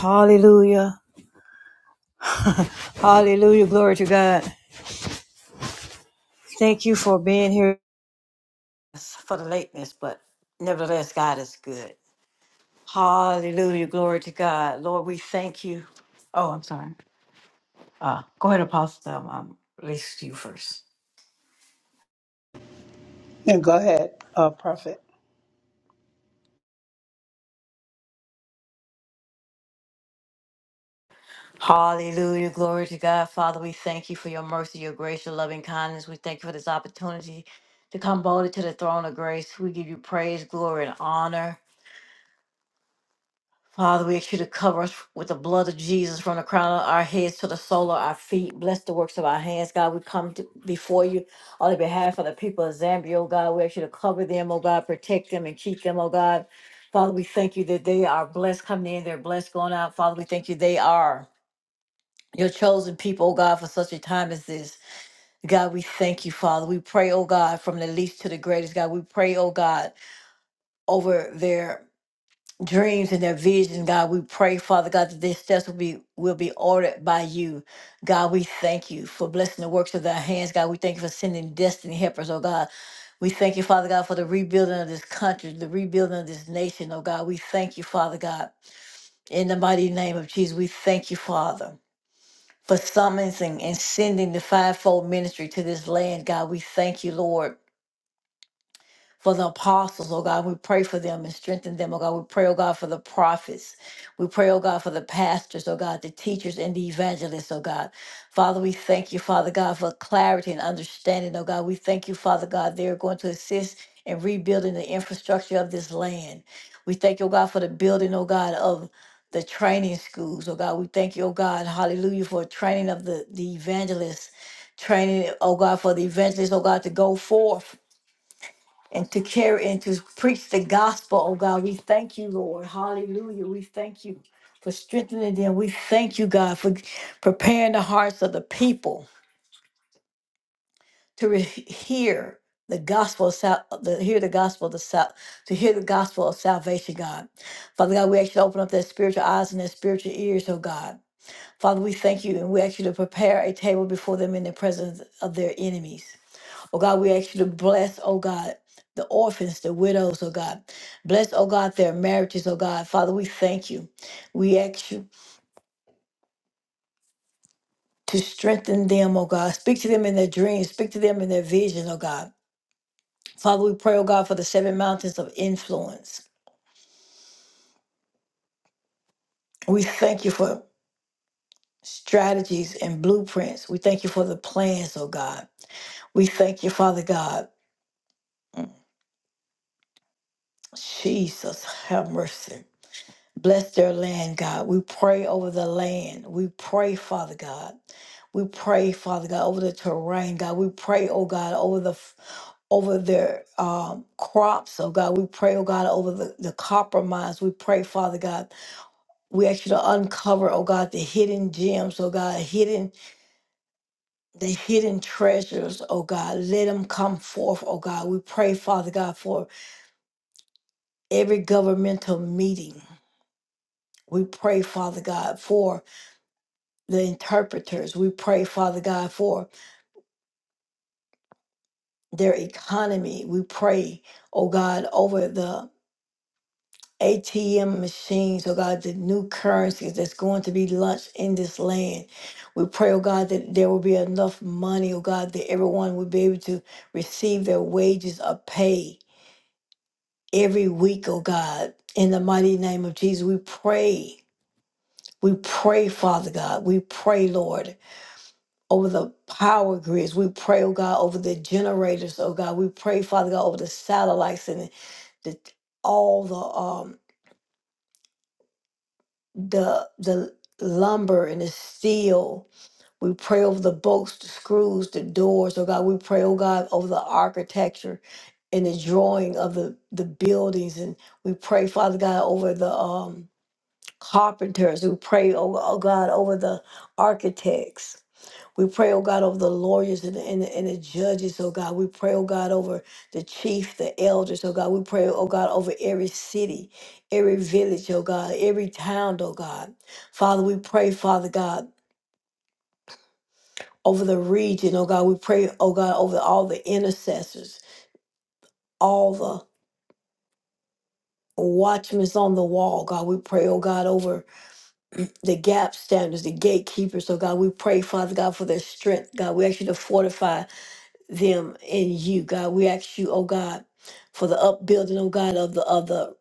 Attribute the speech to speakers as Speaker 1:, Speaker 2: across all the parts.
Speaker 1: Hallelujah. Hallelujah. Glory to God. Thank you for being here for the lateness, but nevertheless, God is good. Hallelujah. Glory to God. Lord, we thank you. Oh, I'm sorry. Uh, go ahead, Apostle. I'm, i you first.
Speaker 2: And go ahead, uh, Prophet.
Speaker 1: Hallelujah. Glory to God. Father, we thank you for your mercy, your grace, your loving kindness. We thank you for this opportunity to come boldly to the throne of grace. We give you praise, glory, and honor. Father, we ask you to cover us with the blood of Jesus from the crown of our heads to the sole of our feet. Bless the works of our hands, God. We come to, before you on the behalf of the people of Zambia, oh God. We ask you to cover them, oh God, protect them and keep them, oh God. Father, we thank you that they are blessed coming in, they're blessed going out. Father, we thank you they are your chosen people, oh God, for such a time as this. God, we thank you, Father. We pray, oh God, from the least to the greatest, God. We pray, oh God, over there dreams and their visions, God. We pray, Father God, that their steps will be will be ordered by you. God, we thank you for blessing the works of their hands. God, we thank you for sending destiny helpers, oh God. We thank you, Father God, for the rebuilding of this country, the rebuilding of this nation, oh God. We thank you, Father God. In the mighty name of Jesus, we thank you, Father. For summoning and sending the fivefold ministry to this land, God, we thank you, Lord for the apostles, oh God. We pray for them and strengthen them, oh God. We pray, oh God, for the prophets. We pray, oh God, for the pastors, oh God, the teachers and the evangelists, oh God. Father, we thank you, Father God, for clarity and understanding, oh God. We thank you, Father God, they're going to assist in rebuilding the infrastructure of this land. We thank you, oh God, for the building, oh God, of the training schools, oh God. We thank you, oh God, hallelujah, for training of the, the evangelists, training, oh God, for the evangelists, oh God, to go forth and to carry and to preach the gospel, oh God. We thank you, Lord. Hallelujah. We thank you for strengthening them. We thank you, God, for preparing the hearts of the people to re- hear the gospel of sal- the, hear the gospel of the sal- to hear the gospel of salvation, God. Father God, we ask you to open up their spiritual eyes and their spiritual ears, oh God. Father, we thank you and we ask you to prepare a table before them in the presence of their enemies. Oh God, we ask you to bless, oh God, the orphans, the widows, oh God. Bless, oh God, their marriages, oh God. Father, we thank you. We ask you to strengthen them, oh God. Speak to them in their dreams, speak to them in their vision, oh God. Father, we pray, oh God, for the seven mountains of influence. We thank you for strategies and blueprints. We thank you for the plans, oh God. We thank you, Father God. Mm, Jesus, have mercy. Bless their land, God. We pray over the land. We pray, Father God. We pray, Father God, over the terrain, God. We pray, oh God, over the over their um, crops, oh God. We pray, oh God, over the, the copper mines. We pray, Father God. We ask you to uncover, oh God, the hidden gems, oh God, hidden the hidden treasures, oh God. Let them come forth, oh God. We pray, Father God, for every governmental meeting. We pray, Father God, for the interpreters. We pray, Father God, for their economy. We pray, oh God, over the ATM machines, oh God, the new currencies that's going to be launched in this land. We pray, oh God, that there will be enough money, oh God, that everyone will be able to receive their wages or pay every week, oh God. In the mighty name of Jesus, we pray. We pray, Father God. We pray, Lord. over the power grids. We pray, oh God, over the generators, oh God. We pray, Father God, over the satellites and the all the um the the lumber and the steel. We pray over the bolts, the screws, the doors, oh God. We pray, oh God, over the architecture and the drawing of the the buildings and we pray father god over the um carpenters we pray oh, oh god over the architects We pray, oh God, over the lawyers and the, and, the, and the judges, oh God. We pray, oh God, over the chief, the elders, oh God. We pray, oh God, over every city, every village, oh God, every town, oh God. Father, we pray, Father God, over the region, oh God. We pray, oh God, over all the intercessors, all the watchmen on the wall, God. We pray, oh God, over the gap standers, the gatekeepers, oh God. We pray, Father God, for their strength, God. We ask you to fortify. them in you, God. We ask you, oh God, for the upbuilding, oh God, of the of the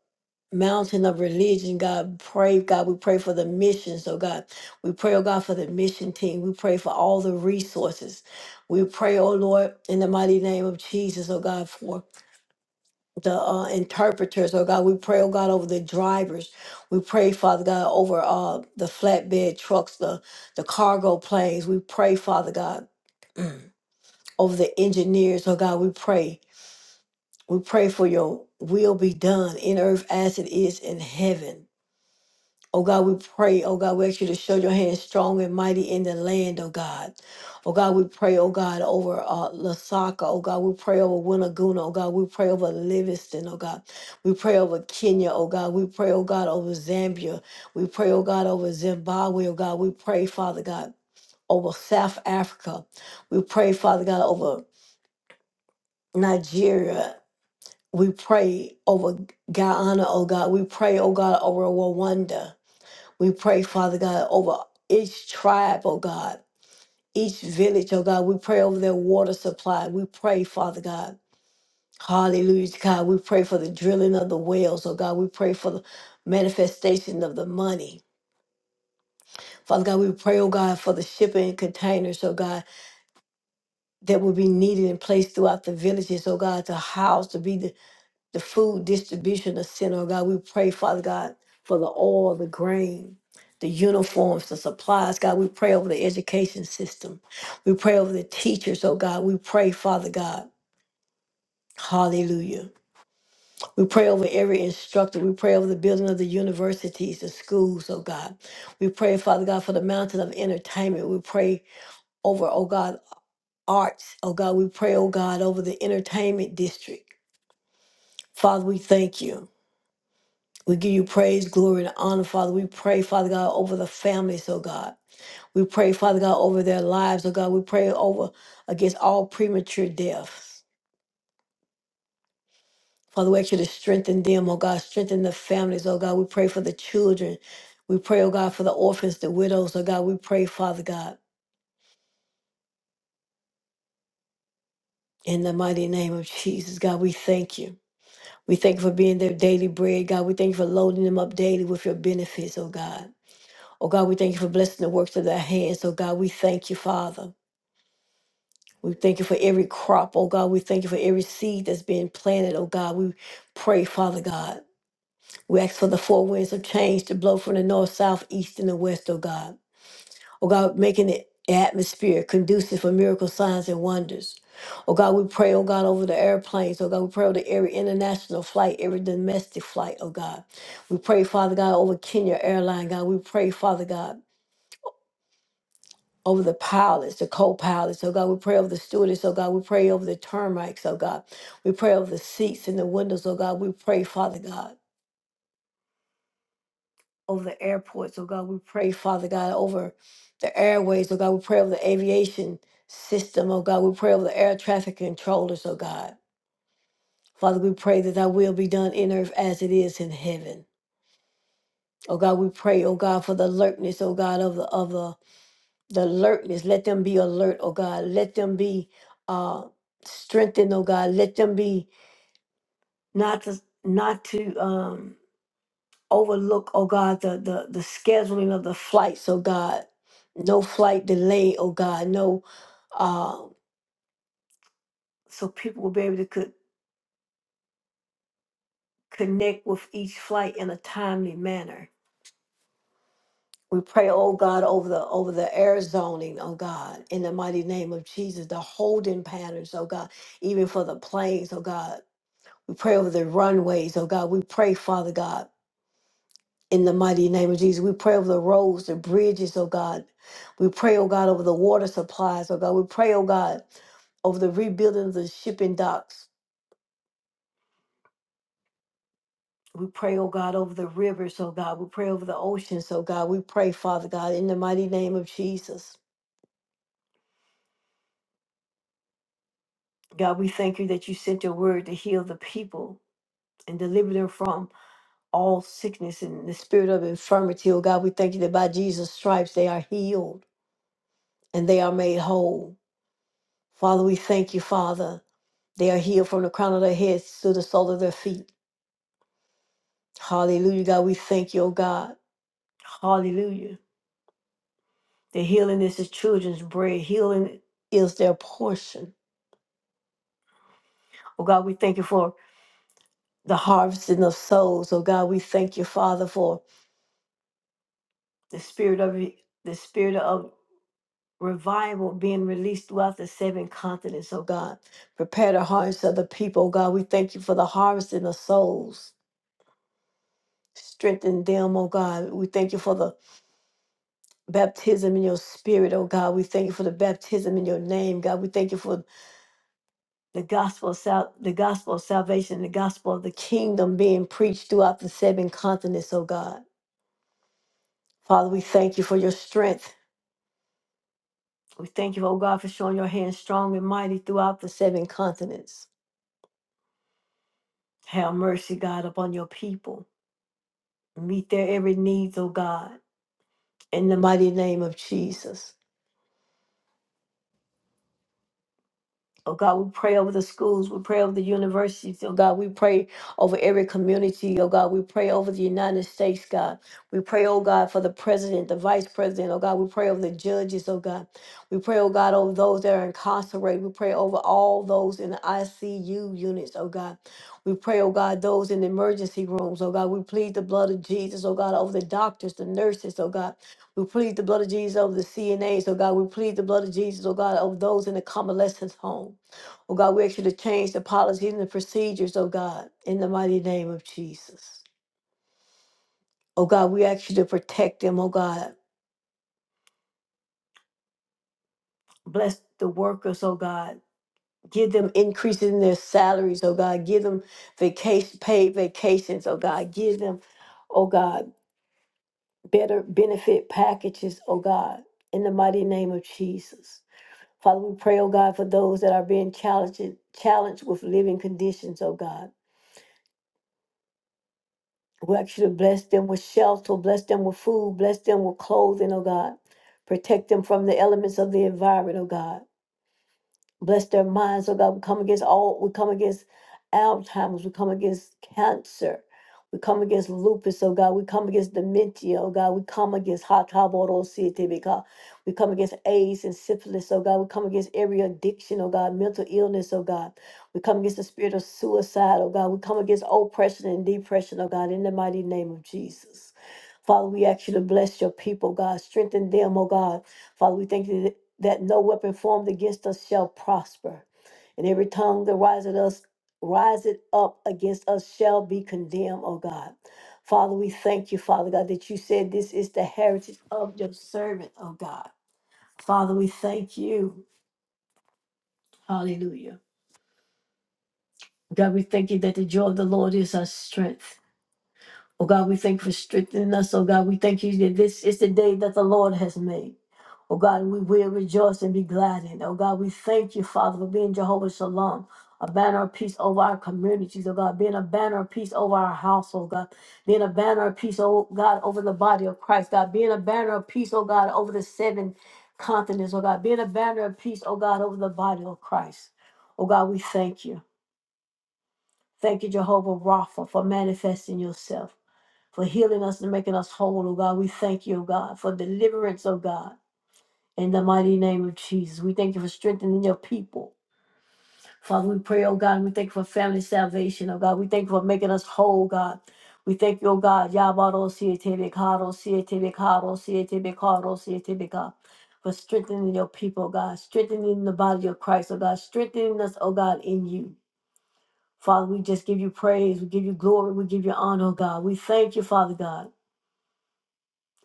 Speaker 1: mountain of religion, God. Pray, God, we pray for the missions, oh God. We pray, oh God, for the mission team. We pray for all the resources. We pray, oh Lord, in the mighty name of Jesus, oh God, for the uh, interpreters, oh God. We pray, oh God, over the drivers. We pray, Father God, over uh, the flatbed trucks, the, the cargo planes. We pray, Father God, over the engineers, oh God. We pray. We pray for your will be done in earth as it is in heaven. Oh God, we pray, oh God, we ask you to show your hand strong and mighty in the land, oh God. Oh God, we pray, oh God, over uh, Lasaka, oh God, we pray over Winnaguna, oh God, we pray over Livingston, oh God. We pray over Kenya, oh God, we pray, oh God, over Zambia. We pray, oh God, over Zimbabwe, oh God, we pray, Father God, over South Africa. We pray, Father God, over Nigeria we pray over Guyana, oh God. We pray, oh God, over Rwanda. We pray, Father God, over each tribe, oh God, each village, oh God. We pray over their water supply. We pray, Father God. Hallelujah, God. We pray for the drilling of the wells, oh God. We pray for the manifestation of the money. Father God, we pray, oh God, for the shipping and containers, oh God, that will be needed and placed throughout the villages, oh God, to house, to be the food distribution of center, oh God. We pray, Father God, for the oil, the grain, the uniforms, the supplies. God, we pray over the education system. We pray over the teachers, oh God. We pray, Father God. Hallelujah. We pray over every instructor. We pray over the building of the universities, the schools, oh God. We pray, Father God, for the mountain of entertainment. We pray over, oh God, arts. Oh God, we pray, oh God, over the entertainment district. Father, we thank you. We give you praise, glory, and honor, Father. We pray, Father God, over the families, oh God. We pray, Father God, over their lives, oh God. We pray over against all premature deaths. Father, we ask you to strengthen them, oh God. Strengthen the families, oh God. We pray for the children. We pray, oh God, for the orphans, the widows, oh God. We pray, Father God, in the mighty name of Jesus, God. We thank you. We thank you for being their daily bread, God. We thank you for loading them up daily with your benefits, oh God. Oh God, we thank you for blessing the works of their hands. Oh God, we thank you, Father. We thank you for every crop, oh God. We thank you for every seed that's being planted, oh God. We pray, Father God. We ask for the four winds of change to blow from the north, south, east, and the west, oh God. Oh God, making the atmosphere conducive for miracle signs and wonders. Oh God, we pray, oh God, over the airplanes. Oh God, we pray over every international flight, every domestic flight, oh God. We pray, Father God, over Kenya Airline, God. We pray, Father God. over the pilots, the co-pilots, oh God, we pray over the stewardess, oh God, we pray over the termites, oh God. We pray over the seats and the windows, oh God. We pray, Father God, over the airports, oh God. We pray, Father God, over the airways, oh God. We pray over the aviation system, oh God. We pray over the air traffic controllers, oh God. Father, we pray that thy will be done in earth as it is in heaven. Oh God, we pray, oh God, for the alertness, oh God, of the of the the alertness. Let them be alert, oh God. Let them be uh strengthened, oh God. Let them be not to not to um overlook, oh God, the the, the scheduling of the flights, oh God. No flight delay, oh God. No uh so people will be able to co- connect with each flight in a timely manner. We pray, oh God, over the over the air zoning, oh God, in the mighty name of Jesus, the holding patterns, oh God, even for the planes, oh God We pray over the runways, oh God. We pray, Father God, in the mighty name of Jesus. We pray over the roads, the bridges, oh God. We pray, oh God, over the water supplies, oh God. We pray, oh God, over the rebuilding of the shipping docks. We pray, oh God, over the rivers, oh God. We pray over the oceans, oh God. We pray, Father God, in the mighty name of Jesus. God, we thank you that you sent your word to heal the people and deliver them from all sickness and the spirit of infirmity, oh God. We thank you that by Jesus' stripes they are healed. and they are made whole. Father, we thank you, Father. They are healed from the crown of their heads to the sole of their feet. Hallelujah, God. We thank you, oh God. Hallelujah. The healing is the children's bread. Healing is their portion. Oh God, we thank you for the harvesting of souls. Oh God, we thank you, Father, for the spirit of the spirit of revival being released throughout the seven continents. Oh God, prepare the hearts of the people. Oh God, we thank you for the harvesting of souls. Strengthen them, oh God. We thank you for the baptism in your spirit, oh God. We thank you for the baptism in your name, God. We thank you for the gospel of sal- the gospel of salvation, the gospel of the kingdom being preached throughout the seven continents, oh God. Father, we thank you for your strength. We thank you, oh God, for showing your hand strong and mighty throughout the seven continents. Have mercy, God, upon your people. Meet their every needs, oh God. In the mighty name of Jesus. Oh God, we pray over the schools. We pray over the universities. Oh God, we pray over every community. Oh God, we pray over the United States, God. We pray, oh God, for the president, the vice president. Oh God, we pray over the judges. Oh God, we pray, oh God, over those that are incarcerated. We pray over all those in the ICU units. Oh God, we pray, oh God, those in the emergency rooms. Oh God, we plead the blood of Jesus. Oh God, over the doctors, the nurses. Oh God, we plead the blood of Jesus over the CNAs. Oh God, we plead the blood of Jesus. Oh God, over those in the convalescent homes. Oh God, we ask you to change the policies and the procedures, oh God, in the mighty name of Jesus. Oh God, we ask you to protect them, oh God. Bless the workers, oh God. Give them increases in their salaries, oh God. Give them vacation paid vacations, oh God. Give them, oh God, better benefit packages, oh God, in the mighty name of Jesus. Father, we pray, oh God, for those that are being challenged challenged with living conditions, oh God. We ask you to bless them with shelter, bless them with food, bless them with clothing, oh God. Protect them from the elements of the environment, oh God. Bless their minds, oh God. We come against all, we come against Alzheimer's, we come against cancer, we come against lupus, oh God. We come against dementia, oh God. We come against hot God. We come against AIDS and syphilis, oh God. We come against every addiction, oh God, mental illness, oh God. We come against the spirit of suicide, oh God. We come against oppression and depression, oh God, in the mighty name of Jesus. Father, we ask you to bless your people, God. Strengthen them, oh God. Father, we thank you that no weapon formed against us shall prosper, and every tongue that riseth us riseth up against us shall be condemned, O God. Father, we thank you, Father God, that you said this is the heritage of your servant, O God. Father, we thank you. Hallelujah. God, we thank you that the joy of the Lord is our strength. Oh God, we thank you for strengthening us. Oh God, we thank you that this is the day that the Lord has made. Oh God, we will rejoice and be glad in. it. Oh God, we thank you, Father, for being Jehovah Shalom, a banner of peace over our communities. Oh God, being a banner of peace over our household, God, being a banner of peace, oh God, over the body of Christ, God, being a banner of peace, oh God, over the seven continents, oh God, being a banner of peace, oh God, over the body of Christ. Oh God, we thank you. Thank you, Jehovah Rapha, for manifesting yourself for healing us and making us whole, oh God. We thank you, oh God, for deliverance, oh God. In the mighty name of Jesus, we thank you for strengthening your people. Father, we pray, oh God, and we thank you for family salvation, oh God. We thank you for making us whole, God. We thank you, oh God, Yabado Sietebekado Sietebekado Sietebekado Sietebekado. For strengthening your people, oh God, strengthening the body of Christ, oh God, strengthening us, oh God, in you. Father, we just give you praise, we give you glory, we give you honor, oh God. We thank you, Father God.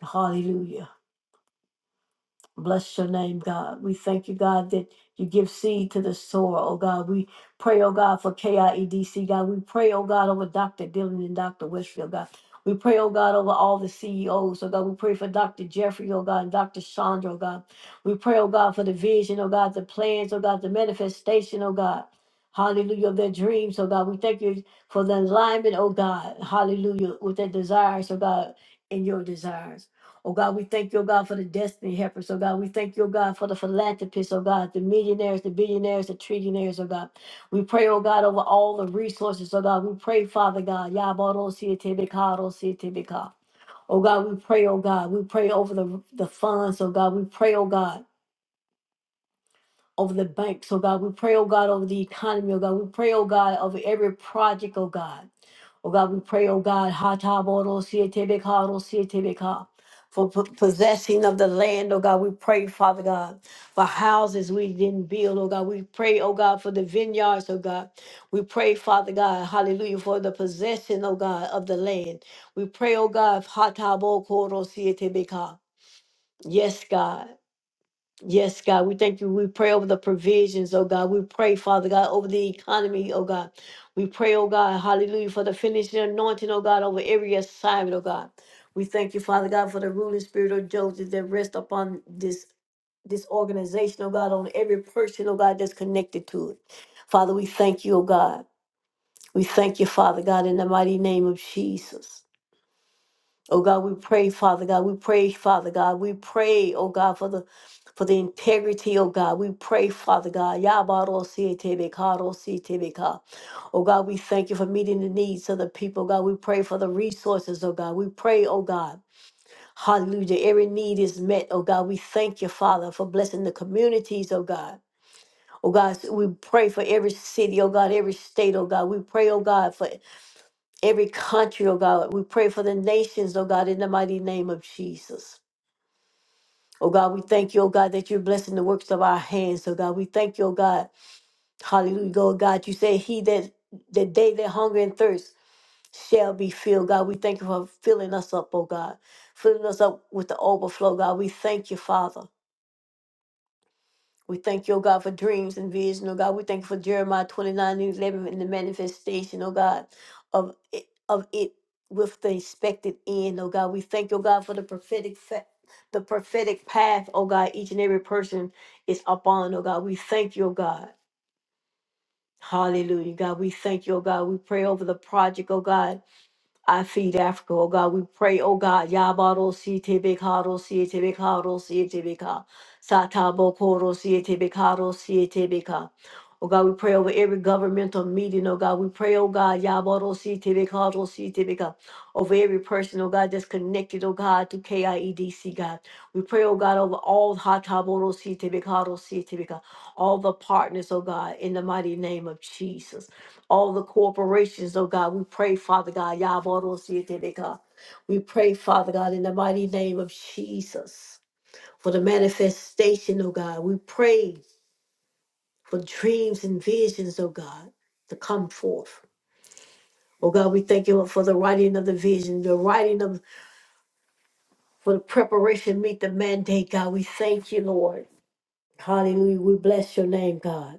Speaker 1: Hallelujah. Bless your name, God. We thank you, God, that you give seed to the sower, oh God. We pray, oh God, for KIEDC, God. We pray, oh God, over Dr. Dillon and Dr. Westfield, God. We pray, oh God, over all the CEOs, oh God. We pray for Dr. Jeffrey, oh God, and Dr. Chandra, oh God. We pray, oh God, for the vision, oh God, the plans, oh God, the manifestation, oh God. Hallelujah, of their dreams, oh God. We thank you for the alignment, oh God. Hallelujah, with their desires, oh God, and your desires. Oh God, we thank you, oh God, for the destiny helpers. Oh God, we thank you, oh God, for the philanthropists. Oh God, the millionaires, the billionaires, the trillionaires. Oh God, we pray, oh God, over all the resources. Oh God, we pray, Father God. Yabarosietebeka. Oh God, we pray, oh God, we pray over the, the funds. Oh God, we pray, oh God over the banks, oh God. We pray, oh God, over the economy, oh God. We pray, oh God, over every project, oh God. Oh God, we pray, oh God, Hataboro Sietebeka, Ro Sietebeka, for po- possessing of the land, oh God. We pray, Father God, for houses we didn't build, oh God. We pray, oh God, for the vineyards, oh God. We pray, Father God, hallelujah, for the possession, oh God, of the land. We pray, oh God, Hataboro Sietebeka. Yes, God. Yes, God, we thank you. We pray over the provisions, oh God. We pray, Father God, over the economy, oh God. We pray, oh God, hallelujah, for the finishing anointing, oh God, over every assignment, oh God. We thank you, Father God, for the ruling spirit of Joseph that rests upon this this organization, oh God, on every person, oh God, that's connected to it. Father, we thank you, oh God. We thank you, Father God, in the mighty name of Jesus. Oh God, we pray, Father God, we pray, Father God, we pray, oh God, for the for the integrity, oh God, we pray, Father God. Yabaro si tebe karo si tebe ka. Oh God, we thank you for meeting the needs of the people. God, we pray for the resources, oh God. We pray, oh God. Hallelujah. Every need is met, oh God. We thank you, Father, for blessing the communities, oh God. Oh God, we pray for every city, oh God, every state, oh God. We pray, oh God, for every country, oh God. We pray for the nations, oh God, in the mighty name of Jesus. Oh God, we thank you, oh God, that you're blessing the works of our hands, oh God. We thank you, oh God. Hallelujah, oh God. You say, He that that they that hunger and thirst shall be filled, God. We thank you for filling us up, oh God. Filling us up with the overflow, God. We thank you, Father. We thank you, oh God, for dreams and vision, oh God. We thank you for Jeremiah 29 and 11 and the manifestation, oh God, of it, of it with the expected end, oh God. We thank you, oh God, for the prophetic fa- the prophetic path, oh God, each and every person is upon, oh God. We thank you, oh God. Hallelujah, God. We thank you, oh God. We pray over the project, oh God. I feed Africa, oh God. We pray, oh God, Yabaro si tebekaro si tebekaro si tebeka. Satabo koro si tebekaro si tebeka. Oh God, we pray over every governmental meeting, oh God. We pray, oh God, Yabaro si tebekaro si tebeka. Over every person, oh God, that's connected, oh God, to KIEDC, God. We pray, oh God, over all Hataboro si tebekaro si tebeka. All the partners, oh God, in the mighty name of Jesus all the corporations, oh God. We pray, Father God, Yabarosietebeka. we pray, Father God, in the mighty name of Jesus for the manifestation, oh God. We pray for dreams and visions, oh God, to come forth. Oh God, we thank you for the writing of the vision, the writing of for the preparation, meet the mandate, God. We thank you, Lord. Hallelujah. We bless your name, God.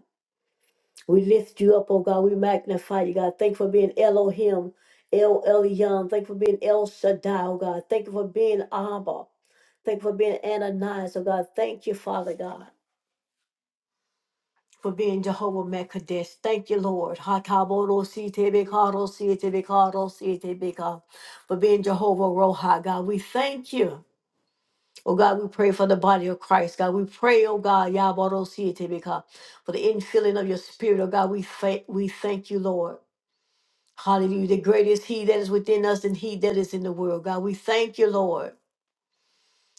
Speaker 1: We lift you up, oh God. We magnify you, God. Thank you for being Elohim, El Elyon. Thank you for being El Shaddai, oh God. Thank you for being Abba. Thank you for being Ananias, oh God. Thank you, Father God. For being Jehovah Mekadesh. Thank you, Lord. Hatabodo-sitebekado-sitebekado-sitebeka. For being Jehovah Roha, God. We thank you. Oh God, we pray for the body of Christ. God, we pray, oh God, Yabodo-sitebeka, for the infilling of your spirit. Oh God, we thank we thank you, Lord. Hallelujah. The greatest He that is within us than He that is in the world. God, we thank you, Lord.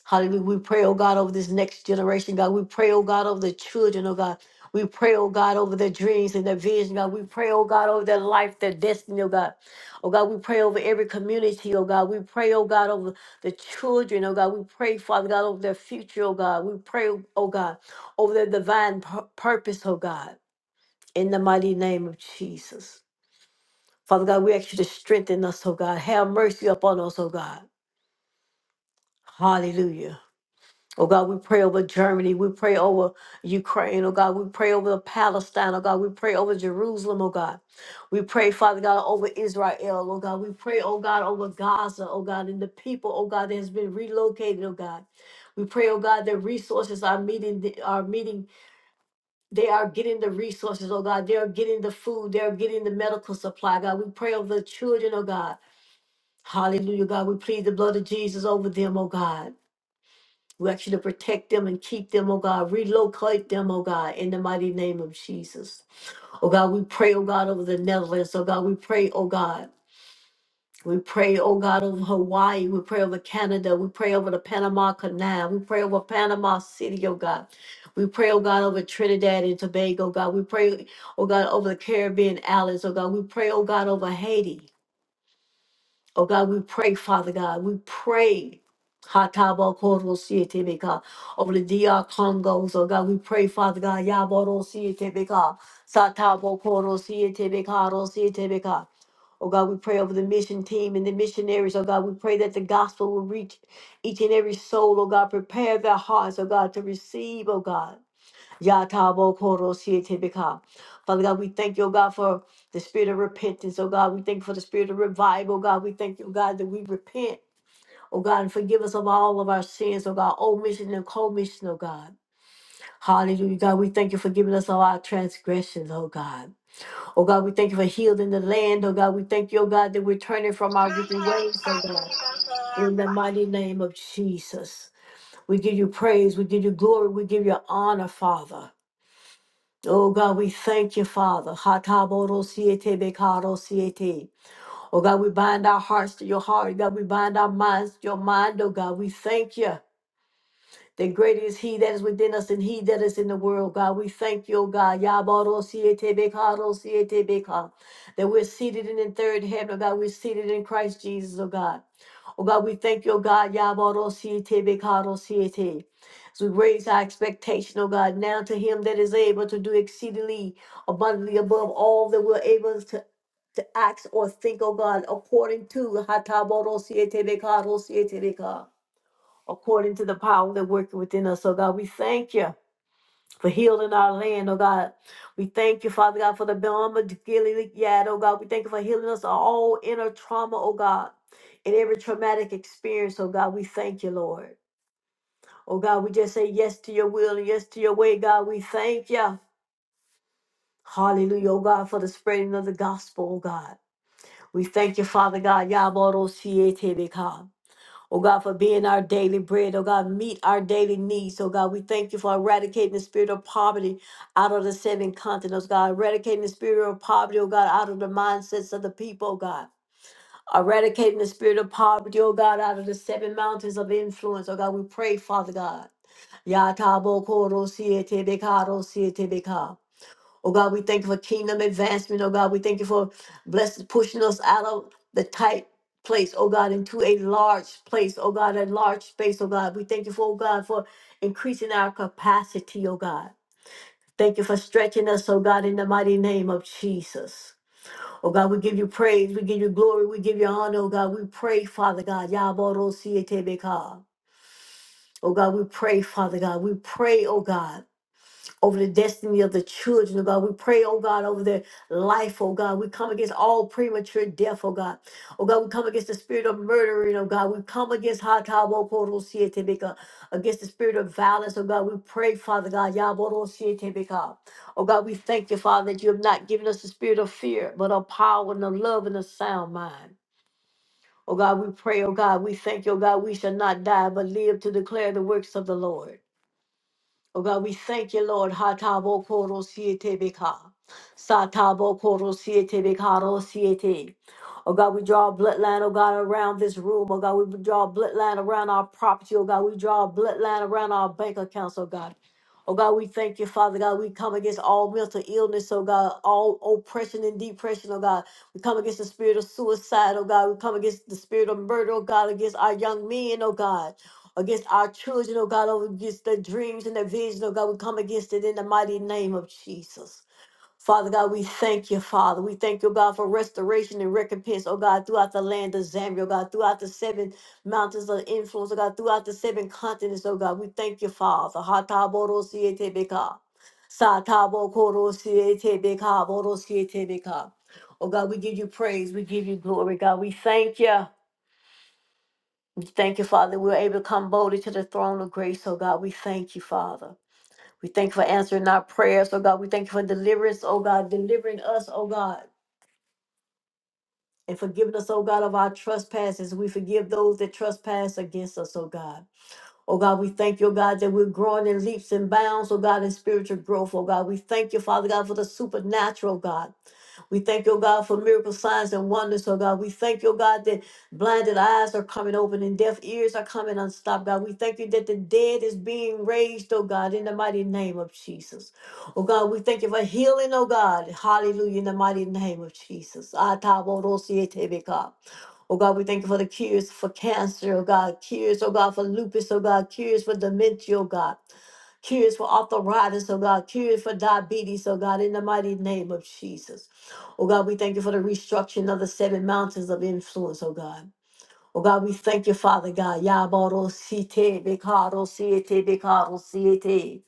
Speaker 1: Hallelujah. We pray, oh God, over this next generation, God. We pray, oh God, over the children, oh God. We pray, oh God, over their dreams and their vision, God. We pray, oh God, over their life, their destiny, oh God. Oh God, we pray over every community, oh God. We pray, oh God, over the children, oh God. We pray, Father God, over their future, oh God. We pray, oh God, over their divine pur- purpose, oh God. In the mighty name of Jesus. Father God, we ask you to strengthen us, oh God. Have mercy upon us, oh God. Hallelujah. Oh God, we pray over Germany. We pray over Ukraine, oh God. We pray over Palestine, oh God. We pray over Jerusalem, oh God. We pray, Father God, over Israel, oh God. We pray, oh God, over Gaza, oh God, and the people, oh God, that has been relocated, oh God. We pray, oh God, that resources are meeting, the, are meeting. They are getting the resources, oh God. They are getting the food. They are getting the medical supply, God. We pray over the children, oh God. Hallelujah, God. We plead the blood of Jesus over them, oh God. We ask you to protect them and keep them, oh God. Relocate them, oh God, in the mighty name of Jesus. Oh God, we pray, oh God, over the Netherlands. Oh God, we pray, oh God. We pray, oh God, over Hawaii. We pray over Canada. We pray over the Panama Canal. We pray over Panama City, oh God. We pray, oh God, over Trinidad and Tobago, God. We pray, oh God, over the Caribbean islands, oh God. We pray, oh God, over Haiti. Oh God, we pray, Father God, we pray. Hatabo Koro Sietebeka over the DR Congos. Oh God, we pray, Father God, Yaboro Sietebeka, Satabo Koro Sietebeka, Ro Sietebeka. Oh God, we pray over the mission team and the missionaries. Oh God, we pray that the gospel will reach each and every soul. Oh God, prepare their hearts, oh God, to receive, oh God. Yatabo Koro Sietebeka. Father God, we thank you, oh God, for the spirit of repentance, oh God. We thank you for the spirit of revival, oh God. We thank you, oh God, that we repent, oh God, and forgive us of all of our sins, oh God, omission and commission, oh God. Hallelujah, God. We thank you for giving us all our transgressions, oh God. Oh God, we thank you for healing the land, oh God. We thank you, oh God, that we're turning from our
Speaker 3: My
Speaker 1: wicked
Speaker 3: hair's
Speaker 1: ways, oh
Speaker 3: stuck in
Speaker 1: God.
Speaker 3: the hair.
Speaker 1: In the mighty name of Jesus, we give you praise, we give you glory, we give you honor, Father. Oh God, we thank you, Father. Hatabodosiete bekarosiete. Oh God, we bind our hearts to your heart. God, we bind our minds to your mind. Oh God, we thank you. Then greater is he that is within us than he that is in the world, God. We thank you, O God. Yabaro siete bekaro siete beka. That we're seated in the third heaven, oh God. We're seated in Christ Jesus, oh God. Oh God, we thank you, oh God. Yabaro siete bekaro siete. As we raise our expectation, oh God, now to him that is able to do exceedingly abundantly above all that we're able to, to act or think, oh God, according to Hataboro siete bekaro siete beka according to the power that worketh within us. So God, we thank you for healing our land, oh God. We thank you, Father God, for the Belma Gilead, oh God. We thank you for healing us of all inner trauma, oh God, and every traumatic experience, oh God. We thank you, Lord. Oh God, we just say yes to your will and yes to your way, God. We thank you. Hallelujah, oh God, for the spreading of the gospel, oh God. We thank you, Father God. Yaboro siete beka. Oh God, for being our daily bread. Oh God, meet our daily needs. Oh God, we thank you for eradicating the spirit of poverty out of the seven continents. oh God, eradicating the spirit of poverty, oh God, out of the mindsets of the people, oh God. Eradicating the spirit of poverty, oh God, out of the seven mountains of influence. Oh God, we pray, Father God. Yatabo koro siete bekaro siete beka. Oh God, we thank you for kingdom advancement. Oh God, we thank you for blessed pushing us out of the tight place, oh God, into a large place, oh God, a large space, oh God. We thank you for, oh God, for increasing our capacity, oh God. Thank you for stretching us, oh God, in the mighty name of Jesus. Oh God, we give you praise, we give you glory, we give you honor, oh God. We pray, Father God. Yaboro sietebeka. Oh God, we pray, Father God. We pray, oh God over the destiny of the children, oh God. We pray, oh God, over their life, oh God. We come against all premature death, oh God. Oh God, we come against the spirit of murdering, oh God. We come against Hatabokoroshietemeka, against the spirit of violence, oh God. We pray, Father God, Yaborosietemeka. Oh God, we thank you, Father, that you have not given us the spirit of fear, but of power and of love and a sound mind. Oh God, we pray, oh God, we thank you, oh God, we shall not die, but live to declare the works of the Lord. Oh God, we thank you, Lord. Hatabo koro siete beka. Satabo koro siete bekaro siete. Oh God, we draw a bloodline, oh God, around this room. Oh God, we draw a bloodline around our property. Oh God, we draw a bloodline around our bank accounts, oh God. Oh God, we thank you, Father God. We come against all mental illness, oh God, all oppression and depression, oh God. We come against the spirit of suicide, oh God. We come against the spirit of murder, oh God, against our young men, oh God against our children, oh God, oh, against their dreams and their vision, oh God. We come against it in the mighty name of Jesus. Father God, we thank you, Father. We thank you, oh God, for restoration and recompense, oh God, throughout the land of Zambia, oh God, throughout the seven mountains of influence, oh God, throughout the seven continents, oh God. We thank you, Father. Hatabodosietebeka. Satabokorosietebeka, borosietebeka. Oh God, we give you praise. We give you glory, God. We thank you. Thank you, Father. We're able to come boldly to the throne of grace, oh God. We thank you, Father. We thank you for answering our prayers, oh God. We thank you for deliverance, oh God, delivering us, oh God, and forgiving us, oh God, of our trespasses. We forgive those that trespass against us, oh God. Oh God, we thank you, oh God, that we're growing in leaps and bounds, oh God, in spiritual growth, oh God. We thank you, Father God, for the supernatural, oh God. We thank you, God, for miracle signs and wonders, oh God. We thank you, God, that blinded eyes are coming open and deaf ears are coming unstopped, God. We thank you that the dead is being raised, oh God, in the mighty name of Jesus. Oh God, we thank you for healing, oh God. Hallelujah, in the mighty name of Jesus. Ataborosietebeka. Oh God, we thank you for the cures for cancer, oh God, cures, oh God, for lupus, oh God, cures for dementia, oh God, cures for arthritis, oh God, cures for diabetes, oh God, in the mighty name of Jesus. Oh God, we thank you for the restructuring of the seven mountains of influence, oh God. Oh God, we thank you, Father God. Yabaro siete, bekaro siete, bekaro siete.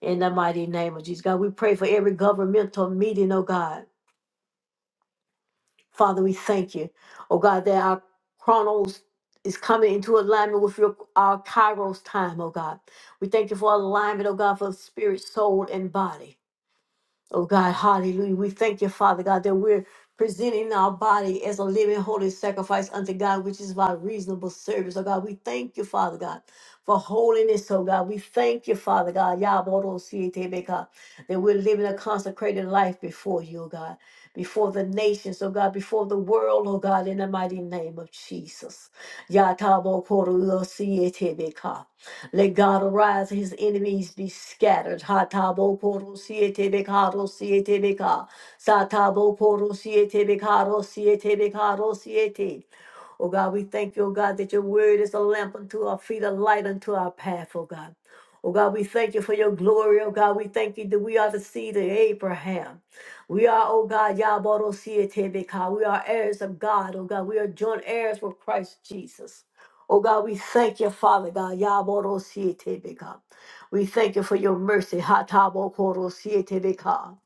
Speaker 1: In the mighty name of Jesus, God, we pray for every governmental meeting, oh God. Father, we thank you. Oh God, that our chronos is coming into alignment with your our kairos time, oh God. We thank you for alignment, oh God, for spirit, soul, and body. Oh God, hallelujah. We thank you, Father God, that we're presenting our body as a living holy sacrifice unto God, which is our reasonable service. Oh God, we thank you, Father God, for holiness, oh God. We thank you, Father God, Yabodo-sietebeka, that we're living a consecrated life before you, oh God, before the nations, oh God, before the world, oh God, in the mighty name of Jesus. Yatabokodo-sietebeka. Let God arise, his enemies be scattered. Hatabo koro siete bekaro siete beka. Satabo koro siete bekaro siete bekaro siete. Oh God, we thank you, oh God, that your word is a lamp unto our feet, a light unto our path, oh God. Oh God, we thank you for your glory, oh God. We thank you that we are the seed of Abraham. We are, oh God, Yabarosietebeka. We are heirs of God, oh God. We are joint heirs with Christ Jesus. Oh God, we thank you, Father God. Yabarosietebeka. We thank you for your mercy. Hatabokorosietebeka.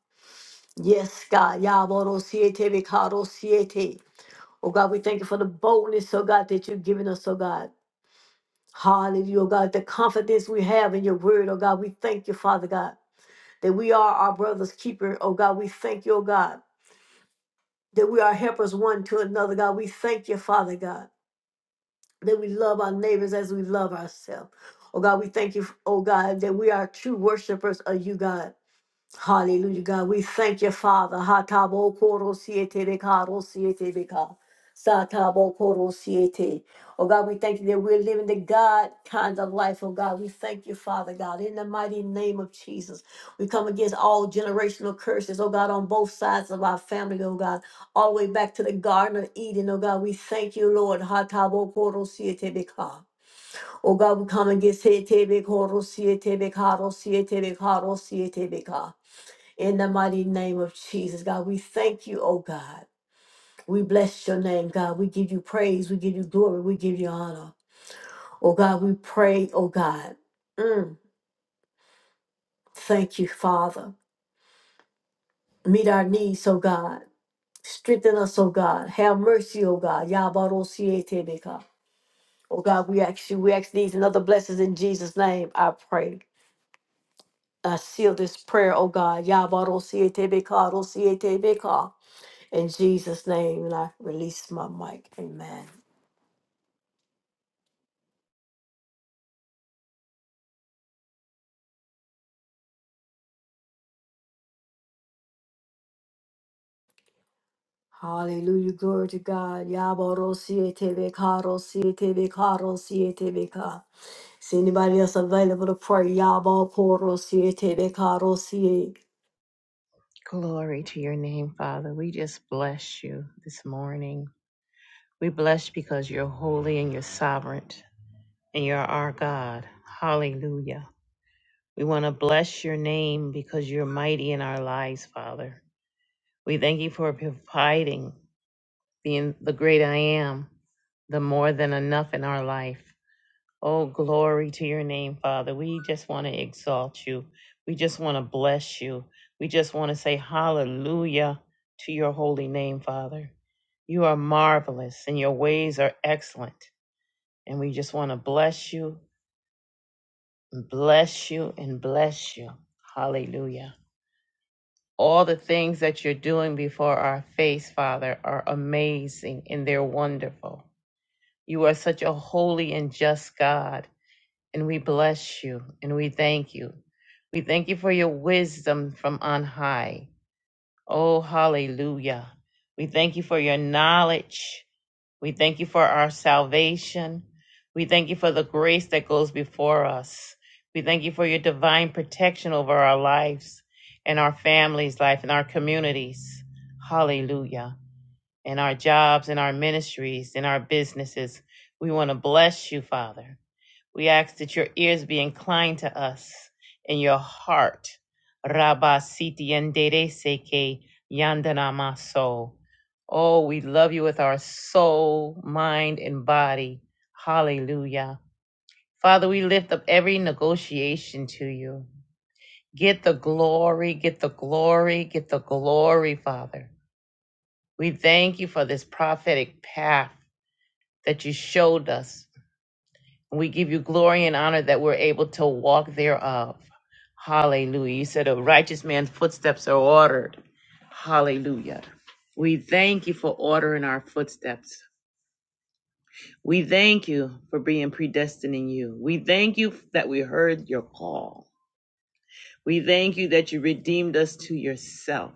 Speaker 1: Yes, God. Yabarosietebeka, Rosiete. Oh God, we thank you for the boldness, oh God, that you've given us, oh God. Hallelujah, oh God, the confidence we have in your word, oh God. We thank you, Father God, that we are our brother's keeper, oh God. We thank you, oh God, that we are helpers one to another, God. We thank you, Father God, that we love our neighbors as we love ourselves. Oh God, we thank you, oh God, that we are true worshipers of you, God. Hallelujah, God. We thank you, Father. Hatabo koro siete beka, ro siete beka. Satabo koro siete. Oh God, we thank you that we're living the God kind of life. Oh God, we thank you, Father God. In the mighty name of Jesus, we come against all generational curses, oh God, on both sides of our family, oh God, all the way back to the Garden of Eden, oh God. We thank you, Lord. Hatabo koro siete beka. Oh God, we come against siete beka, ro siete beka, ro siete beka, ro siete beka. In the mighty name of Jesus, God, we thank you, oh God. We bless your name, God. We give you praise. We give you glory. We give you honor. Oh God, we pray, oh God. Mm, thank you, Father. Meet our needs, oh God. Strengthen us, oh God. Have mercy, oh God. Yabarosietebeka. Oh God, we ask you, we ask these and other blessings in Jesus' name. I pray. I seal this prayer, oh God. Yabarosietebeka, rosietebeka. In Jesus' name, and I release my mic. Amen. Hallelujah. Glory to God. Yaboro siete bekaro siete bekaro siete beka. Is anybody else available to pray? Yabo poro siete bekaro siete.
Speaker 4: Glory to your name, Father. We just bless you this morning. We bless you because you're holy and you're sovereign and you're our God. Hallelujah. We want to bless your name because you're mighty in our lives, Father. We thank you for providing being the great I am, the more than enough in our life. Oh, glory to your name, Father. We just want to exalt you. We just want to bless you. We just want to say hallelujah to your holy name, Father. You are marvelous and your ways are excellent. And we just want to bless you, and bless you, and bless you. Hallelujah. All the things that you're doing before our face, Father, are amazing and they're wonderful. You are such a holy and just God. and we bless you and we thank you. We thank you for your wisdom from on high. Oh, hallelujah. We thank you for your knowledge. We thank you for our salvation. We thank you for the grace that goes before us. We thank you for your divine protection over our lives and our families' life and our communities. Hallelujah. And our jobs and our ministries and our businesses. We want to bless you, Father. We ask that your ears be inclined to us and your heart. Rabba siti endere seke yandana maso. Oh, we love you with our soul, mind, and body. Hallelujah. Father, we lift up every negotiation to you. Get the glory, get the glory, get the glory, Father. We thank you for this prophetic path that you showed us We give you glory and honor that we're able to walk thereof. Hallelujah. You said a righteous man's footsteps are ordered. Hallelujah. We thank you for ordering our footsteps. We thank you for being predestined in you. We thank you that we heard your call. We thank you that you redeemed us to yourself.